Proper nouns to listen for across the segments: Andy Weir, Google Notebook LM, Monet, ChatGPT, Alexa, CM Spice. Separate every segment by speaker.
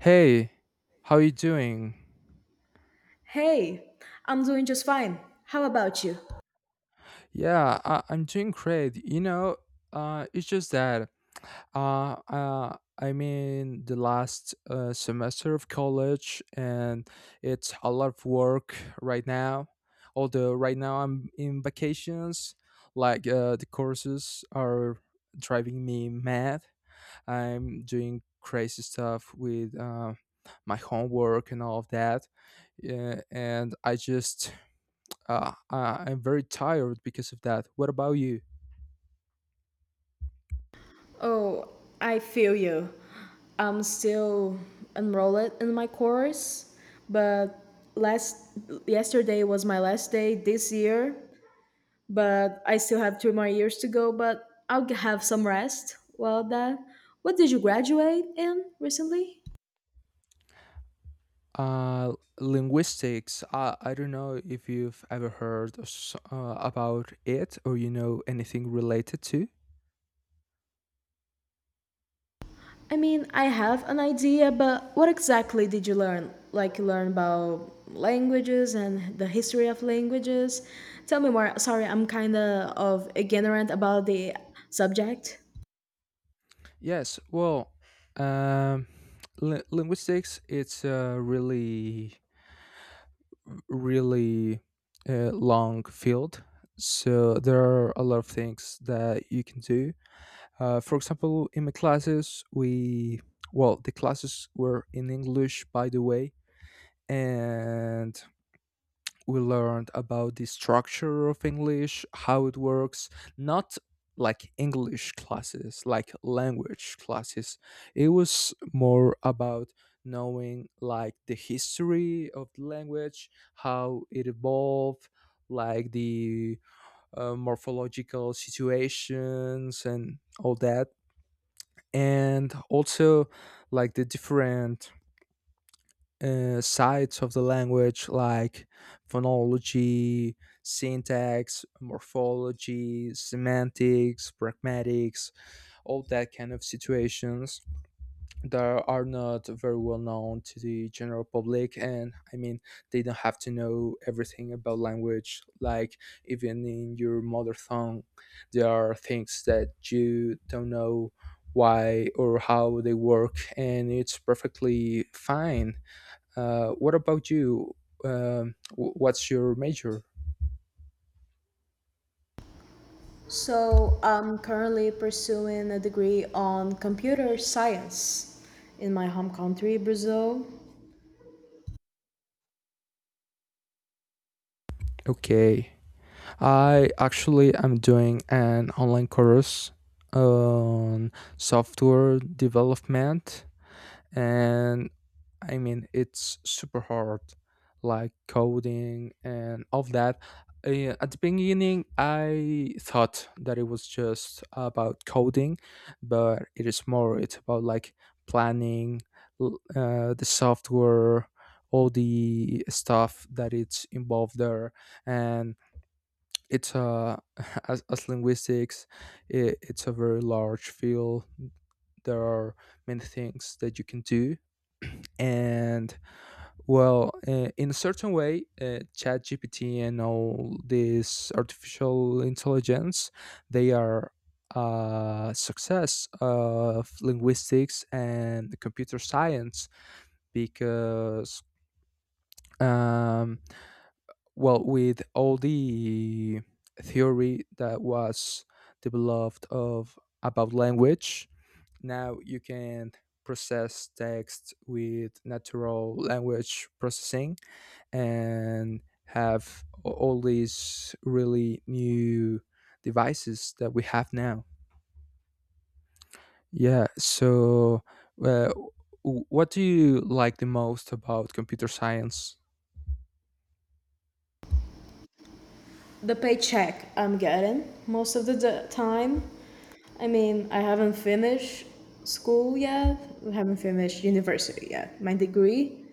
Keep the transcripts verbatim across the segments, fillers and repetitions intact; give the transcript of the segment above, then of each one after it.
Speaker 1: Hey, how you doing?
Speaker 2: Hey, I'm doing just fine. How about you?
Speaker 1: Yeah, I, I'm doing great. You know, uh, it's just that uh, uh, I'm in the last uh, semester of college, and it's a lot of work right now. Although right now I'm in vacations, like uh, the courses are driving me mad. I'm doing crazy stuff with uh, my homework and all of that, yeah, and I just uh, I- I'm very tired because of that. What about you?
Speaker 2: Oh, I feel you. I'm still enrolled in my course, but last yesterday was my last day this year, but I still have three more years to go, but I'll g- have some rest. Well, that what did you graduate in recently?
Speaker 1: Uh, Linguistics. I, I don't know if you've ever heard of s- uh, about it or you know anything related to.
Speaker 2: I mean, I have an idea, but what exactly did you learn? Like, you learn about languages and the history of languages. Tell me more. Sorry, I'm kind of ignorant about the subject.
Speaker 1: Yes, well, um, li- linguistics. It's a really really uh, long field. So there are a lot of things that you can do. Uh, for example, in my classes, we well, the classes were in English, by the way, and we learned about the structure of English, how it works, not like English classes, like language classes. It was more about knowing like the history of the language, how it evolved, like the uh, morphological situations and all that. And also, like the different uh, sides of the language like phonology, syntax, morphology, semantics, pragmatics, all that kind of situations that are not very well known to the general public. And I mean, they don't have to know everything about language. Like, even in your mother tongue, there are things that you don't know why or how they work, and it's perfectly fine. Uh, what about you? Um, what's your major?
Speaker 2: So, I'm currently pursuing a degree on computer science in my home country, Brazil.
Speaker 1: Okay, I actually am doing an online course on software development, and I mean, it's super hard, like coding and all of that. Uh, at the beginning, I thought that it was just about coding, but it is more. It's about like planning l- uh, the software, all the stuff that it's involved there, and it's uh, as, as linguistics, it, it's a very large field. There are many things that you can do, and well, uh, in a certain way, uh, ChatGPT and all this artificial intelligence, they are a success of linguistics and computer science because, um, well, with all the theory that was developed of about language, now you can process text with natural language processing and have all these really new devices that we have now. Yeah. So, uh, w- what do you like the most about computer science?
Speaker 2: The paycheck I'm getting most of the d- time. I mean, I haven't finished school yet. I haven't finished university yet, my degree,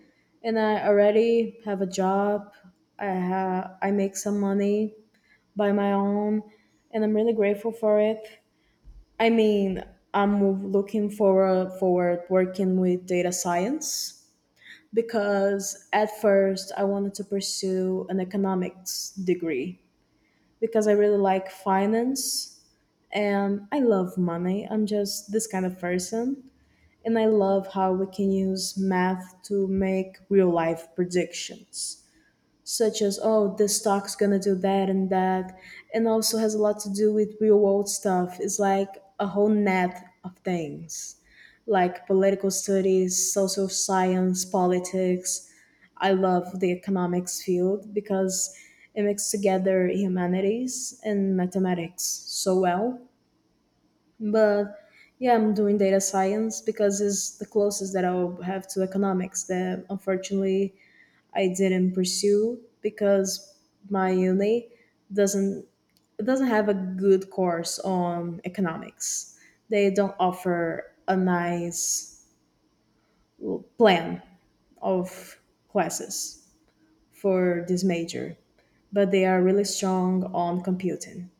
Speaker 2: and I already have a job. I have I make some money by my own, and I'm really grateful for it. I mean, I'm looking forward forward working with data science because at first I wanted to pursue an economics degree because I really like finance and I love money. I'm just this kind of person. And I love how we can use math to make real life predictions, such as, oh, this stock's gonna do that and that. And also has a lot to do with real world stuff. It's like a whole net of things, like political studies, social science, politics. I love the economics field because it mixes together humanities and mathematics so well, but yeah, I'm doing data science because it's the closest that I'll have to economics that unfortunately I didn't pursue because my uni doesn't doesn't have a good course on economics. They don't offer a nice plan of classes for this major, but they are really strong on computing.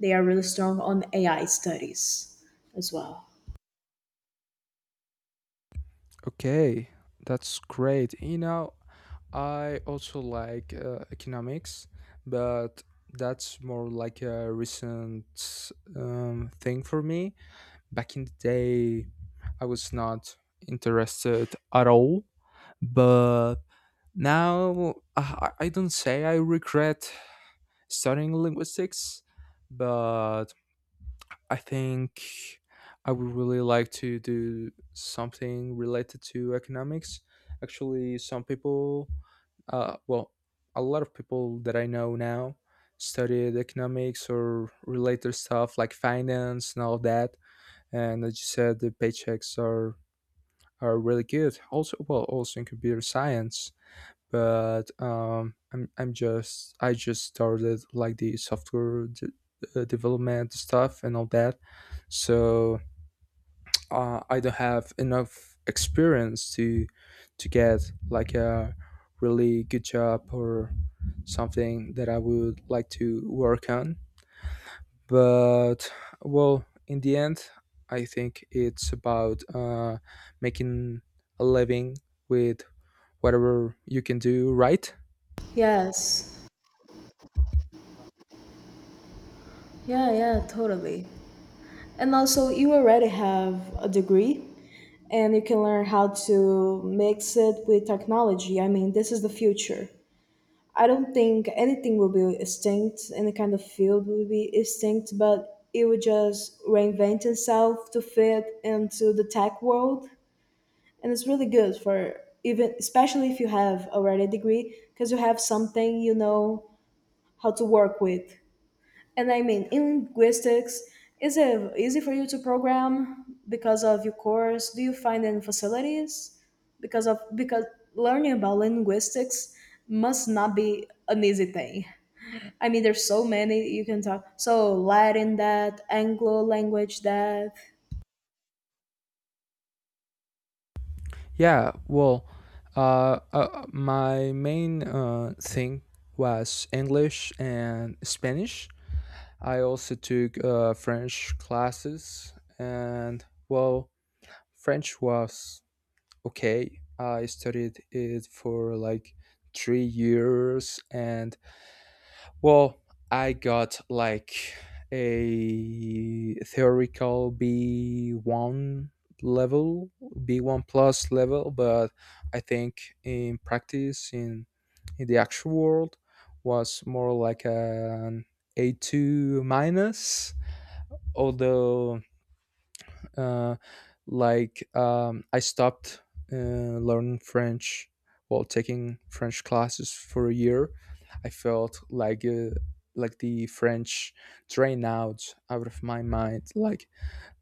Speaker 2: They are really strong on A I studies as well.
Speaker 1: Okay, that's great. You know, I also like uh, economics, but that's more like a recent um, thing for me. Back in the day, I was not interested at all, but now, uh, I I don't say I regret studying linguistics, but I think I would really like to do something related to economics. Actually, some people, uh, well, a lot of people that I know now studied economics or related stuff like finance and all that. And as you said, the paychecks are are really good. Also, well, also in computer science, but um, I'm I'm just I just started like the software de- uh, development stuff and all that, so uh, I don't have enough experience to to get like a really good job or something that I would like to work on. But well, in the end, I think it's about uh, making a living with whatever you can do, right?
Speaker 2: Yes. Yeah, yeah, totally. And also, you already have a degree and you can learn how to mix it with technology. I mean, this is the future. I don't think anything will be extinct, any kind of field will be extinct, but it would just reinvent itself to fit into the tech world. And it's really good for even, especially if you have already a degree, because you have something you know how to work with. And I mean, in linguistics, is it easy for you to program because of your course? Do you find any facilities? Because of because learning about linguistics must not be an easy thing. I mean, there's so many you can talk. So Latin, that Anglo language, that.
Speaker 1: Yeah, well, uh, uh, my main uh, thing was English and Spanish. I also took uh, French classes, and well, French was okay. I studied it for like three years, and well, I got like a theoretical B one level, B one plus level, but I think in practice, in, in the actual world, was more like an A two minus. Although uh, like um, I stopped uh, learning French while taking French classes for a year, I felt like uh, like the French drained out out of my mind. Like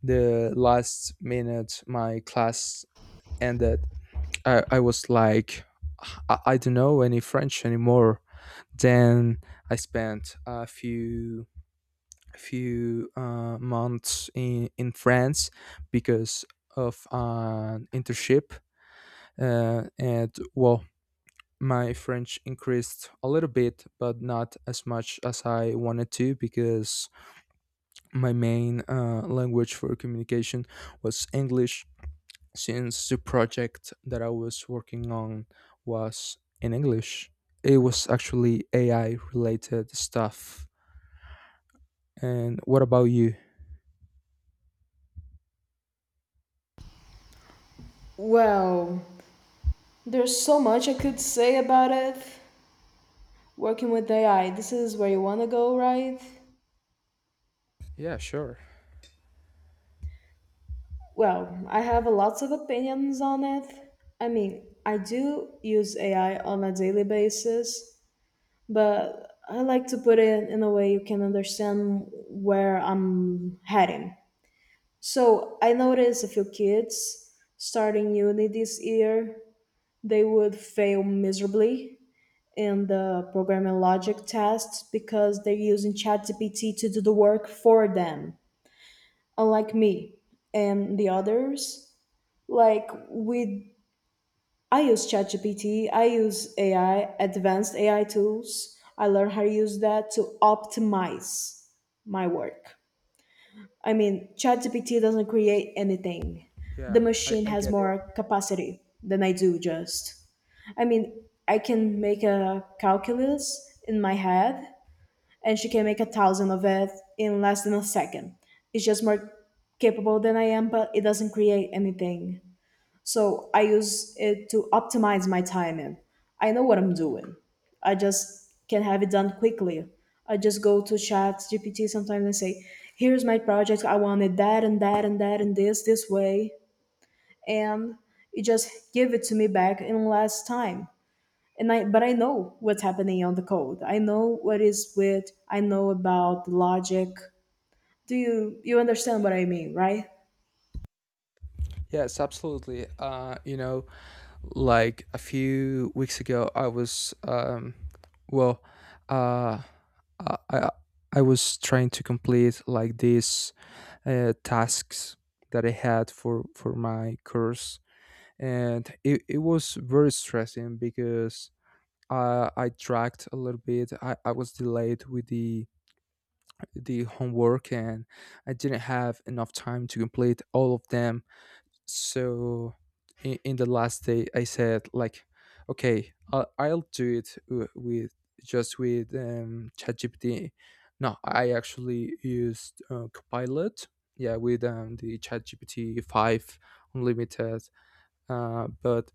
Speaker 1: the last minute my class ended, i, I was like I, I don't know any French anymore. Then I spent a few few uh, months in, in France because of an internship. Uh, and well, my French increased a little bit, but not as much as I wanted to because my main uh, language for communication was English since the project that I was working on was in English. It was actually A I related stuff. And what about you?
Speaker 2: Well, there's so much I could say about it. Working with A I, this is where you want to go, right?
Speaker 1: Yeah, sure.
Speaker 2: Well, I have lots of opinions on it. I mean, I do use A I on a daily basis, but I like to put it in a way you can understand where I'm heading. So I noticed a few kids starting uni this year, they would fail miserably in the programming logic tests because they're using ChatGPT to do the work for them, unlike me and the others. Like, we I use ChatGPT, I use A I, advanced A I tools. I learn how to use that to optimize my work. I mean, ChatGPT doesn't create anything. The
Speaker 1: Yeah, I,
Speaker 2: machine
Speaker 1: I
Speaker 2: has
Speaker 1: get it.
Speaker 2: more capacity than I do just. I mean, I can make a calculus in my head and she can make a thousand of it in less than a second. It's just more capable than I am, but it doesn't create anything. So I use it to optimize my timing. I know what I'm doing. I just can have it done quickly. I just go to chat G P T sometimes and say, here's my project. I wanted that and that and that and this, this way. And it just give it to me back in less time. And I, but I know what's happening on the code. I know what is with, I know about the logic. Do you, you understand what I mean, right?
Speaker 1: Yes, absolutely. Uh, you know, like a few weeks ago, I was um, well, uh, I I I was trying to complete like these uh, tasks that I had for for my course, and it, it was very stressing because uh, I dragged a little bit. I, I was delayed with the the homework, and I didn't have enough time to complete all of them. So in, in the last day I said like okay, i'll, I'll do it w- with just with um ChatGPT. No, I actually used uh, copilot, yeah, with um, the ChatGPT five unlimited. Uh, but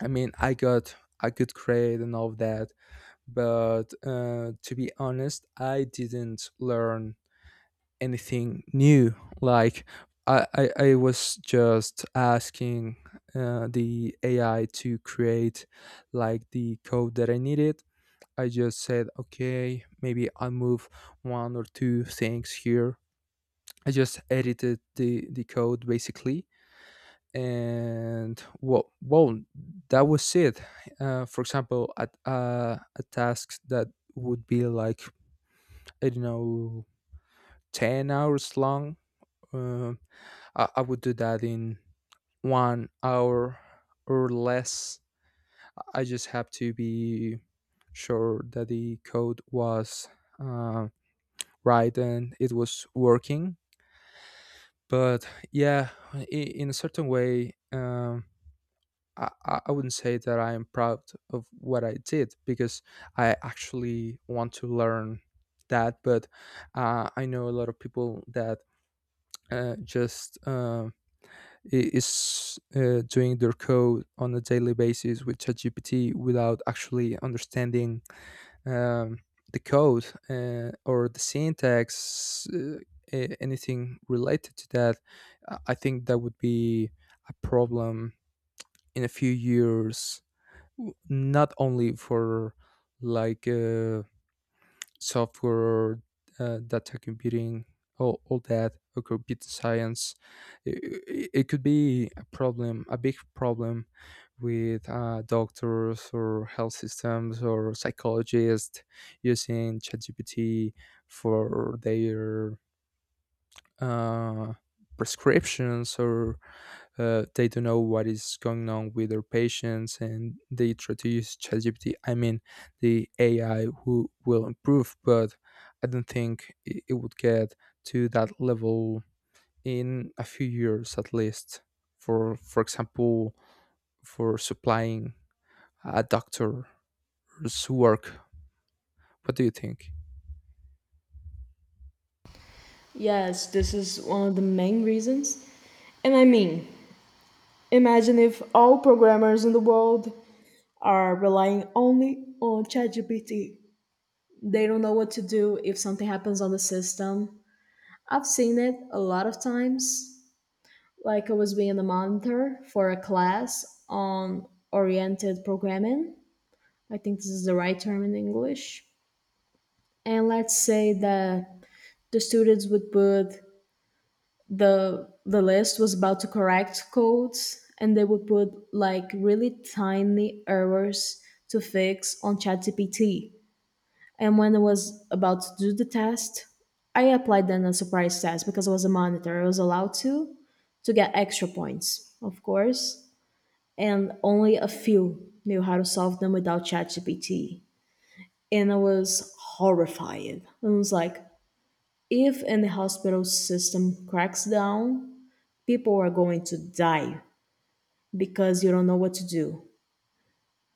Speaker 1: I mean, I got a good grade and all of that, but uh, to be honest, I didn't learn anything new. Like I, I, I was just asking uh, the A I to create like the code that I needed. I just said, okay, maybe I'll move one or two things here. I just edited the, the code basically. And well, well, that was it. Uh, for example, at uh, a task that would be like, I don't know, ten hours long. Uh, I, I would do that in one hour or less. I just have to be sure that the code was uh, right and it was working. But yeah, i- in a certain way, um, I, I I wouldn't say that I am proud of what I did because I actually want to learn that. But uh, I know a lot of people that uh, just um I- is uh, doing their code on a daily basis with ChatGPT without actually understanding um, the code uh, or the syntax, uh, a- anything related to that. I I think that would be a problem in a few years, w- not only for like. Uh, software, uh, data computing, all, all that, or computer science. It, it could be a problem, a big problem with uh, doctors or health systems or psychologists using ChatGPT for their uh, prescriptions or uh, they don't know what is going on with their patients and they try to use ChatGPT. I mean, the A I who will improve, but I don't think i- it would get to that level in a few years at least. For for example, for supplying a doctor's work. What do you think?
Speaker 2: Yes, this is one of the main reasons. And I mean, imagine if all programmers in the world are relying only on ChatGPT. They don't know what to do if something happens on the system. I've seen it a lot of times. Like I was being a monitor for a class on oriented programming. I think this is the right term in English. And let's say that the students would put the the list was about to correct codes and they would put like really tiny errors to fix on ChatGPT. And when I was about to do the test, I applied then a surprise test because I was a monitor. I was allowed to to get extra points, of course, and only a few knew how to solve them without ChatGPT. And I was horrified. I was like, if in the hospital system cracks down, people are going to die because you don't know what to do.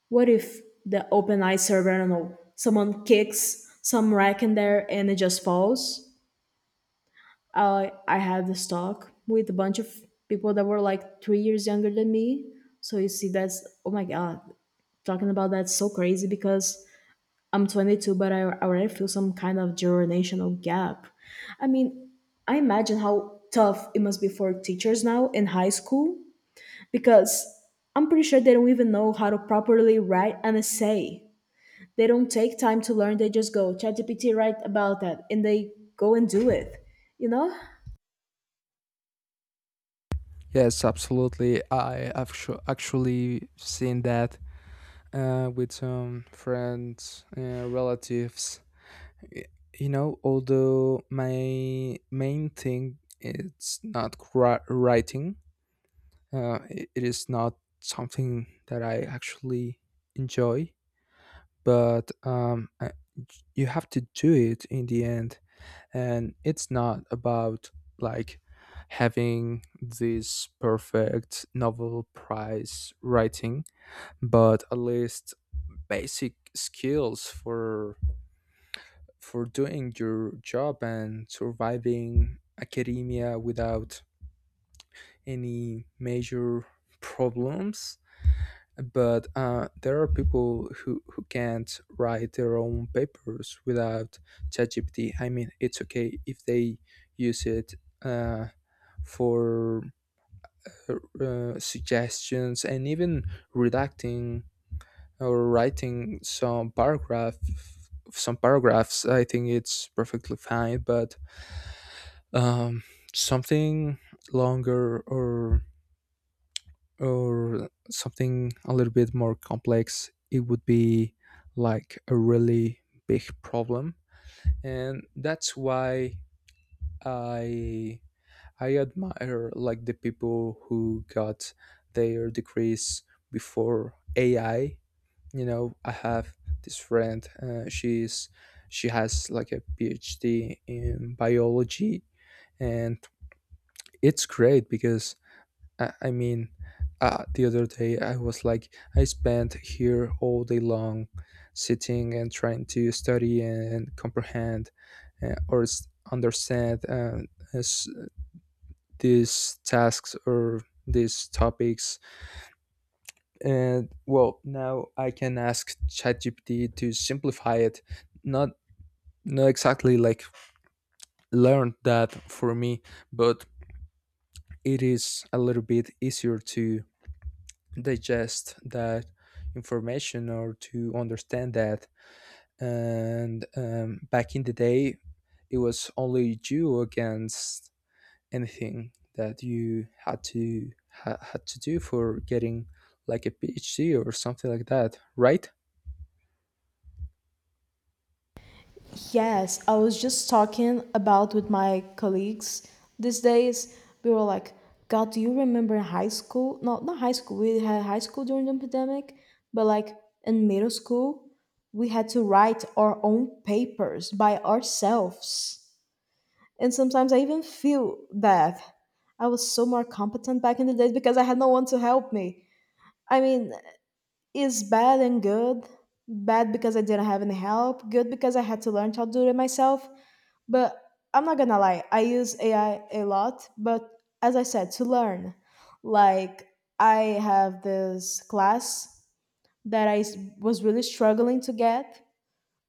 Speaker 2: What if the open eye server, I don't know, someone kicks some rack in there and it just falls? I I had this talk with a bunch of people that were like three years younger than me. So you see, that's oh my god, talking about that's so crazy because I'm twenty-two, but I already feel some kind of generational gap. I mean, I imagine how tough it must be for teachers now in high school because I'm pretty sure they don't even know how to properly write an essay. They don't take time to learn. They just go ChatGPT write about that, and they go and do it. You know?
Speaker 1: Yes, absolutely. I have actu- actually seen that uh, with some friends, uh, relatives. Y- You know, although my main thing is not cri- writing, uh, i- it is not something that I actually enjoy, but um, I- you have to do it in the end. And it's not about like having this perfect Nobel Prize writing, but at least basic skills for for doing your job and surviving academia without any major problems. But uh, there are people who, who can't write their own papers without ChatGPT. I mean, it's okay if they use it uh, for uh, uh, suggestions and even redacting or writing some paragraph some paragraphs. I think it's perfectly fine, but um something longer or or something a little bit more complex, it would be like a really big problem. And that's why i i admire like the people who got their degrees before AI. You know, I have this friend, uh, she's she has like a PhD in biology, and it's great because i, I mean, uh, the other day I was like, I spent here all day long sitting and trying to study and comprehend, uh, or s- understand uh, as these tasks or these topics. And well, now I can ask ChatGPT to simplify it. Not No, exactly. Like learned that for me, but it is a little bit easier to digest that information or to understand that. And um, back in the day, it was only you against anything that you had to ha- had to do for getting like a PhD or something like that, right?
Speaker 2: Yes, I was just talking about with my colleagues these days. We were like, God, do you remember in high school? No, not high school. We had high school during the pandemic, but like in middle school, we had to write our own papers by ourselves. And sometimes I even feel that I was so more competent back in the days because I had no one to help me. I mean, it's bad and good. Bad because I didn't have any help, good because I had to learn how to do it myself. But I'm not gonna lie, I use A I a lot, but as I said, to learn. Like, I have this class that I s- was really struggling to get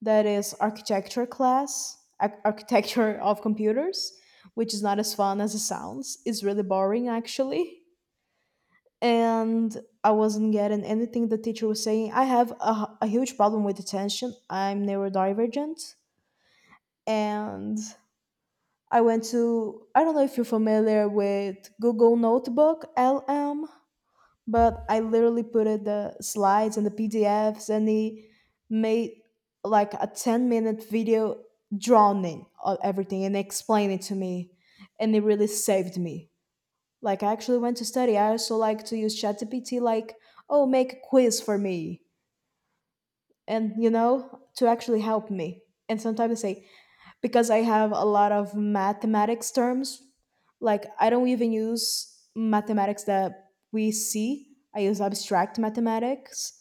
Speaker 2: that is architecture class, ar- architecture of computers, which is not as fun as it sounds. It's really boring actually. And I wasn't getting anything the teacher was saying. I have a a huge problem with attention. I'm neurodivergent. And I went to, I don't know if you're familiar with Google Notebook L M. But I literally put it the slides and the P D Fs, and he made like a ten minute video drawing of everything and explain it to me. And it really saved me. Like, I actually went to study. I also like to use ChatGPT, like, oh, make a quiz for me. And, you know, to actually help me. And sometimes I say, because I have a lot of mathematics terms. Like I don't even use mathematics that we see. I use abstract mathematics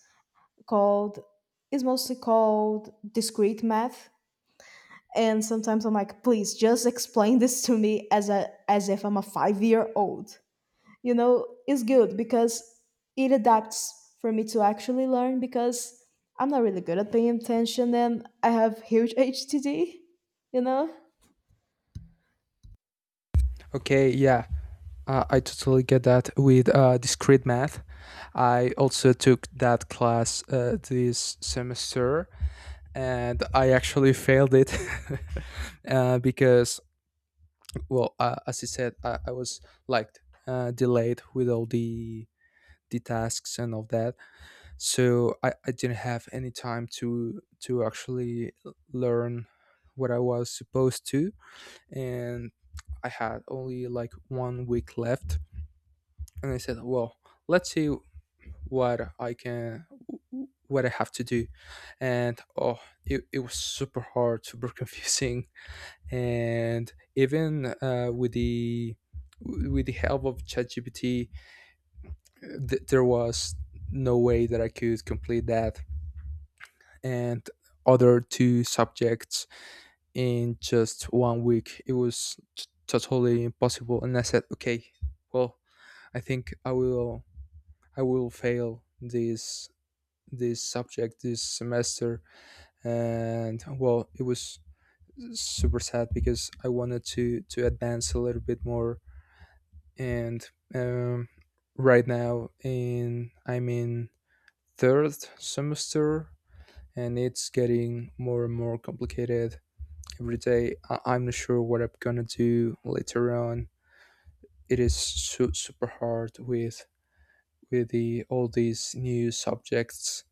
Speaker 2: called is mostly called discrete math. And sometimes I'm like, please just explain this to me as a as if I'm a five year old. You know, it's good because it adapts for me to actually learn because I'm not really good at paying attention and I have huge H T D, you know?
Speaker 1: Okay, yeah. Uh, I totally get that with uh, discrete math. I also took that class uh, this semester, and I actually failed it uh, because, well, uh, as I said, I, I was like uh, delayed with all the the tasks and all that, so I, I didn't have any time to to actually learn what I was supposed to, and I had only like one week left, and I said, "Well, let's see what I can, what I have to do." And oh, it, it was super hard, super confusing, and even uh, with the with the help of ChatGPT, th- there was no way that I could complete that and other two subjects in just one week. It was t- totally impossible, and I said, "Okay, well, I think I will I will fail this this subject this semester, and well, it was super sad because I wanted to to advance a little bit more. And um, Right now in I'm in third semester, and it's getting more and more complicated every day. I- I'm not sure what I'm gonna do later on. It is su- super hard with with the all these new subjects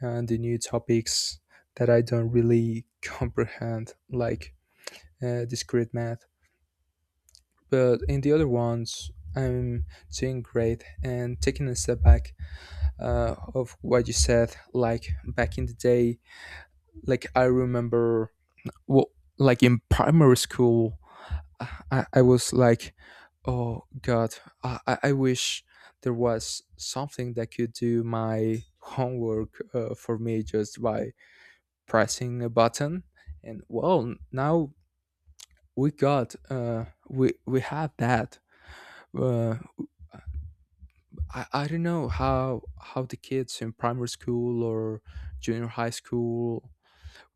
Speaker 1: and the new topics that I don't really comprehend, like uh, discrete math. But in the other ones, I'm doing great. And taking a step back uh, of what you said, like back in the day, like I remember, well, like in primary school, I, I was like, "Oh God, I, I I wish there was something that could do my homework uh, for me just by pressing a button." And well, now we got, uh we we have that. Uh, I, I don't know how how the kids in primary school or junior high school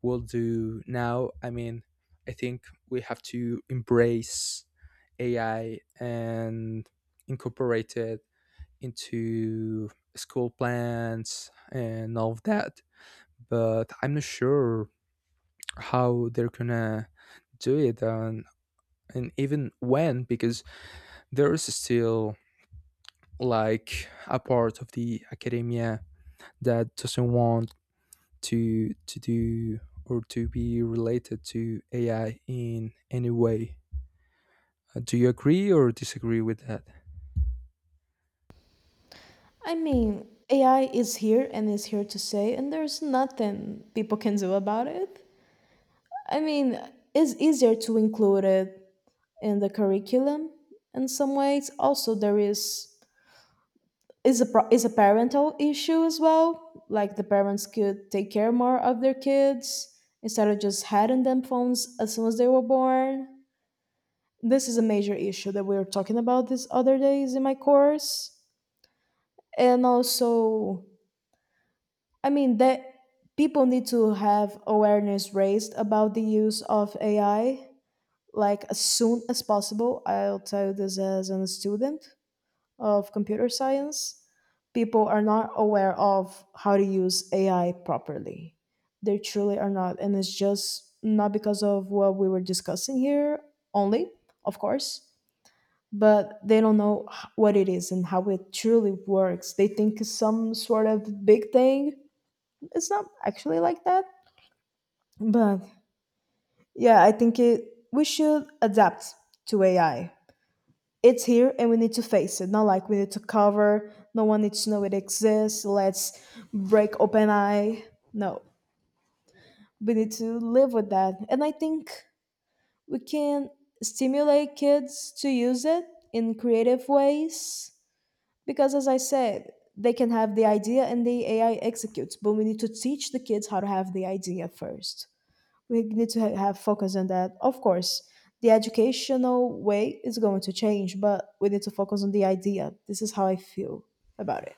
Speaker 1: will do now. I mean, I think we have to embrace AI and incorporate it into school plans and all of that, but I'm not sure how they're gonna do it. Um, and even when, because there is still like a part of the academia that doesn't want to to do or to be related to A I in any way. Uh, Do you agree or disagree with that?
Speaker 2: I mean, A I is here and is here to stay, and there's nothing people can do about it. I mean, it's easier to include it in the curriculum in some ways. Also, there is is a pro- is a parental issue as well. Like the parents could take care more of their kids instead of just handing them phones as soon as they were born. This is a major issue that we were talking about these other days in my course, and also I mean that people need to have awareness raised about the use of A I like as soon as possible. I'll tell you this as a student of computer science. People are not aware of how to use A I properly. They truly are not. And it's just not because of what we were discussing here only, of course, but they don't know h- what it is and how it truly works. They think it's some sort of big thing. It's not actually like that, but yeah, I think it we should adapt to AI. It's here and we need to face it. Not like we need to cover, no one needs to know it exists, let's break open eye. No, we need to live with that. And I think we can stimulate kids to use it in creative ways because as I said, they can have the idea and the AI executes, but we need to teach the kids how to have the idea first. We need to ha- have focus on that. Of course, the educational way is going to change, but we need to focus on the idea. This is how I feel about it.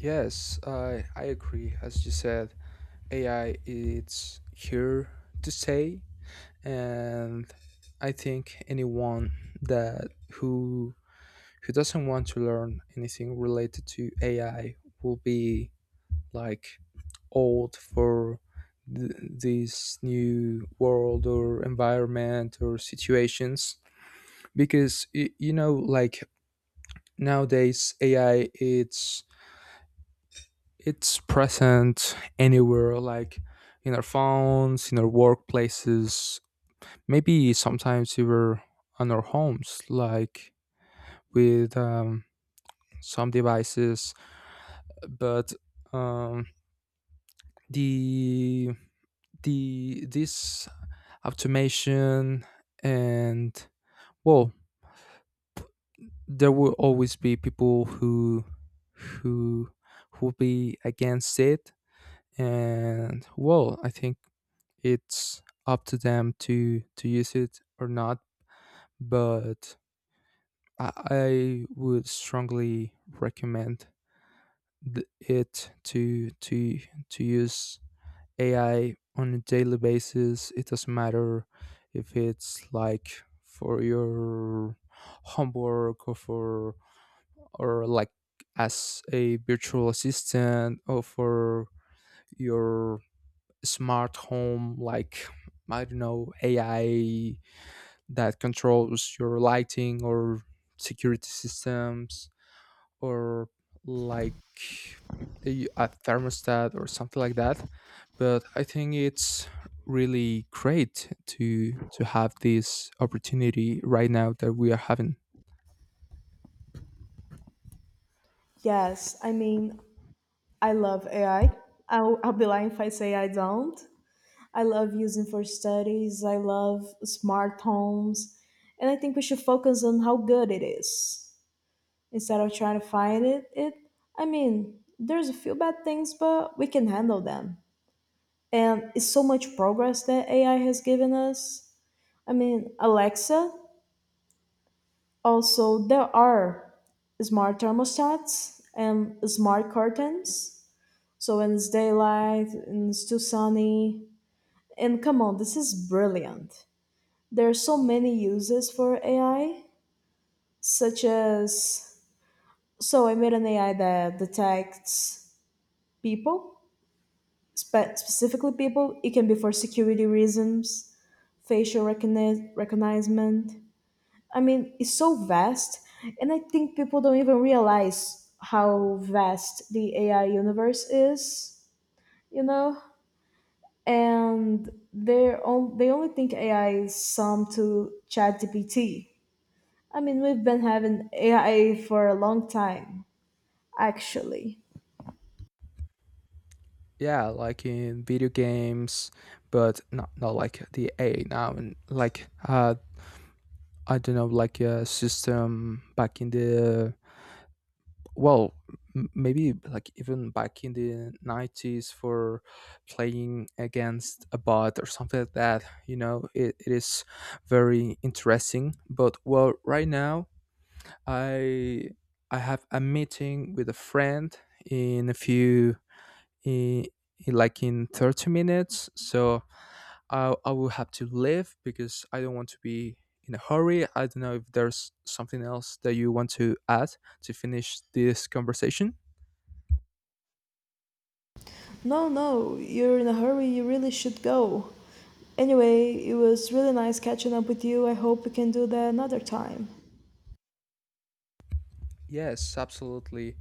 Speaker 1: Yes, I I agree. As you said, A I, it's here to stay. And I think anyone that who who doesn't want to learn anything related to AI will be like old for th- this new world or environment or situations, because y- you know, like nowadays AI, it's it's present anywhere, like in our phones, in our workplaces. Maybe sometimes we were on our homes, like with um, some devices, but, um, the the this automation, and well, there will always be people who who who be against it, and well, I think it's up to them to to use it or not. But I, I would strongly recommend th- it to to to use A I on a daily basis. It doesn't matter if it's like for your homework or for, or like as a virtual assistant or for your smart home, like I don't know, A I that controls your lighting or security systems, or like a, a thermostat or something like that. But I think it's really great to to have this opportunity right now that we are having.
Speaker 2: Yes, I mean, I love A I. I'll, I'll be lying if I say I don't. I love using for studies. I love smart homes, and I think we should focus on how good it is instead of trying to find it. It, I mean, there's a few bad things, but we can handle them. And it's so much progress that A I has given us. I mean, Alexa. Also, there are smart thermostats and smart curtains. So when it's daylight and it's too sunny, and come on, this is brilliant. There are so many uses for A I, such as so I made an A I that detects people, spe- specifically people. It can be for security reasons, facial recogni- recognition. I mean, it's so vast, and I think people don't even realize how vast the A I universe is, you know? And they're on, they only think A I is some to ChatGPT. I mean, we've been having A I for a long time, actually.
Speaker 1: Yeah, like in video games, but not not like the a I now. And like uh I don't know, like a system back in the, well, m- maybe like even back in the nineties, for playing against a bot or something like that. You know, it, it is very interesting. But well, right now I i have a meeting with a friend in a few in, in, like, in thirty minutes. So I, I will have to leave because I don't want to be in a hurry. I don't know if there's something else that you want to add to finish this conversation.
Speaker 2: No, no, you're in a hurry, you really should go. Anyway, it was really nice catching up with you. I hope we can do that another time.
Speaker 1: Yes, absolutely.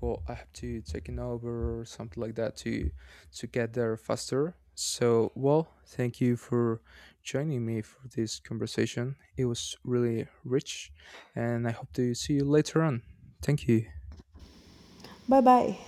Speaker 1: Well, I have to take an Uber or something like that to to get there faster. So, well, thank you for joining me for this conversation. It was really rich, and I hope to see you later on. Thank you.
Speaker 2: Bye bye.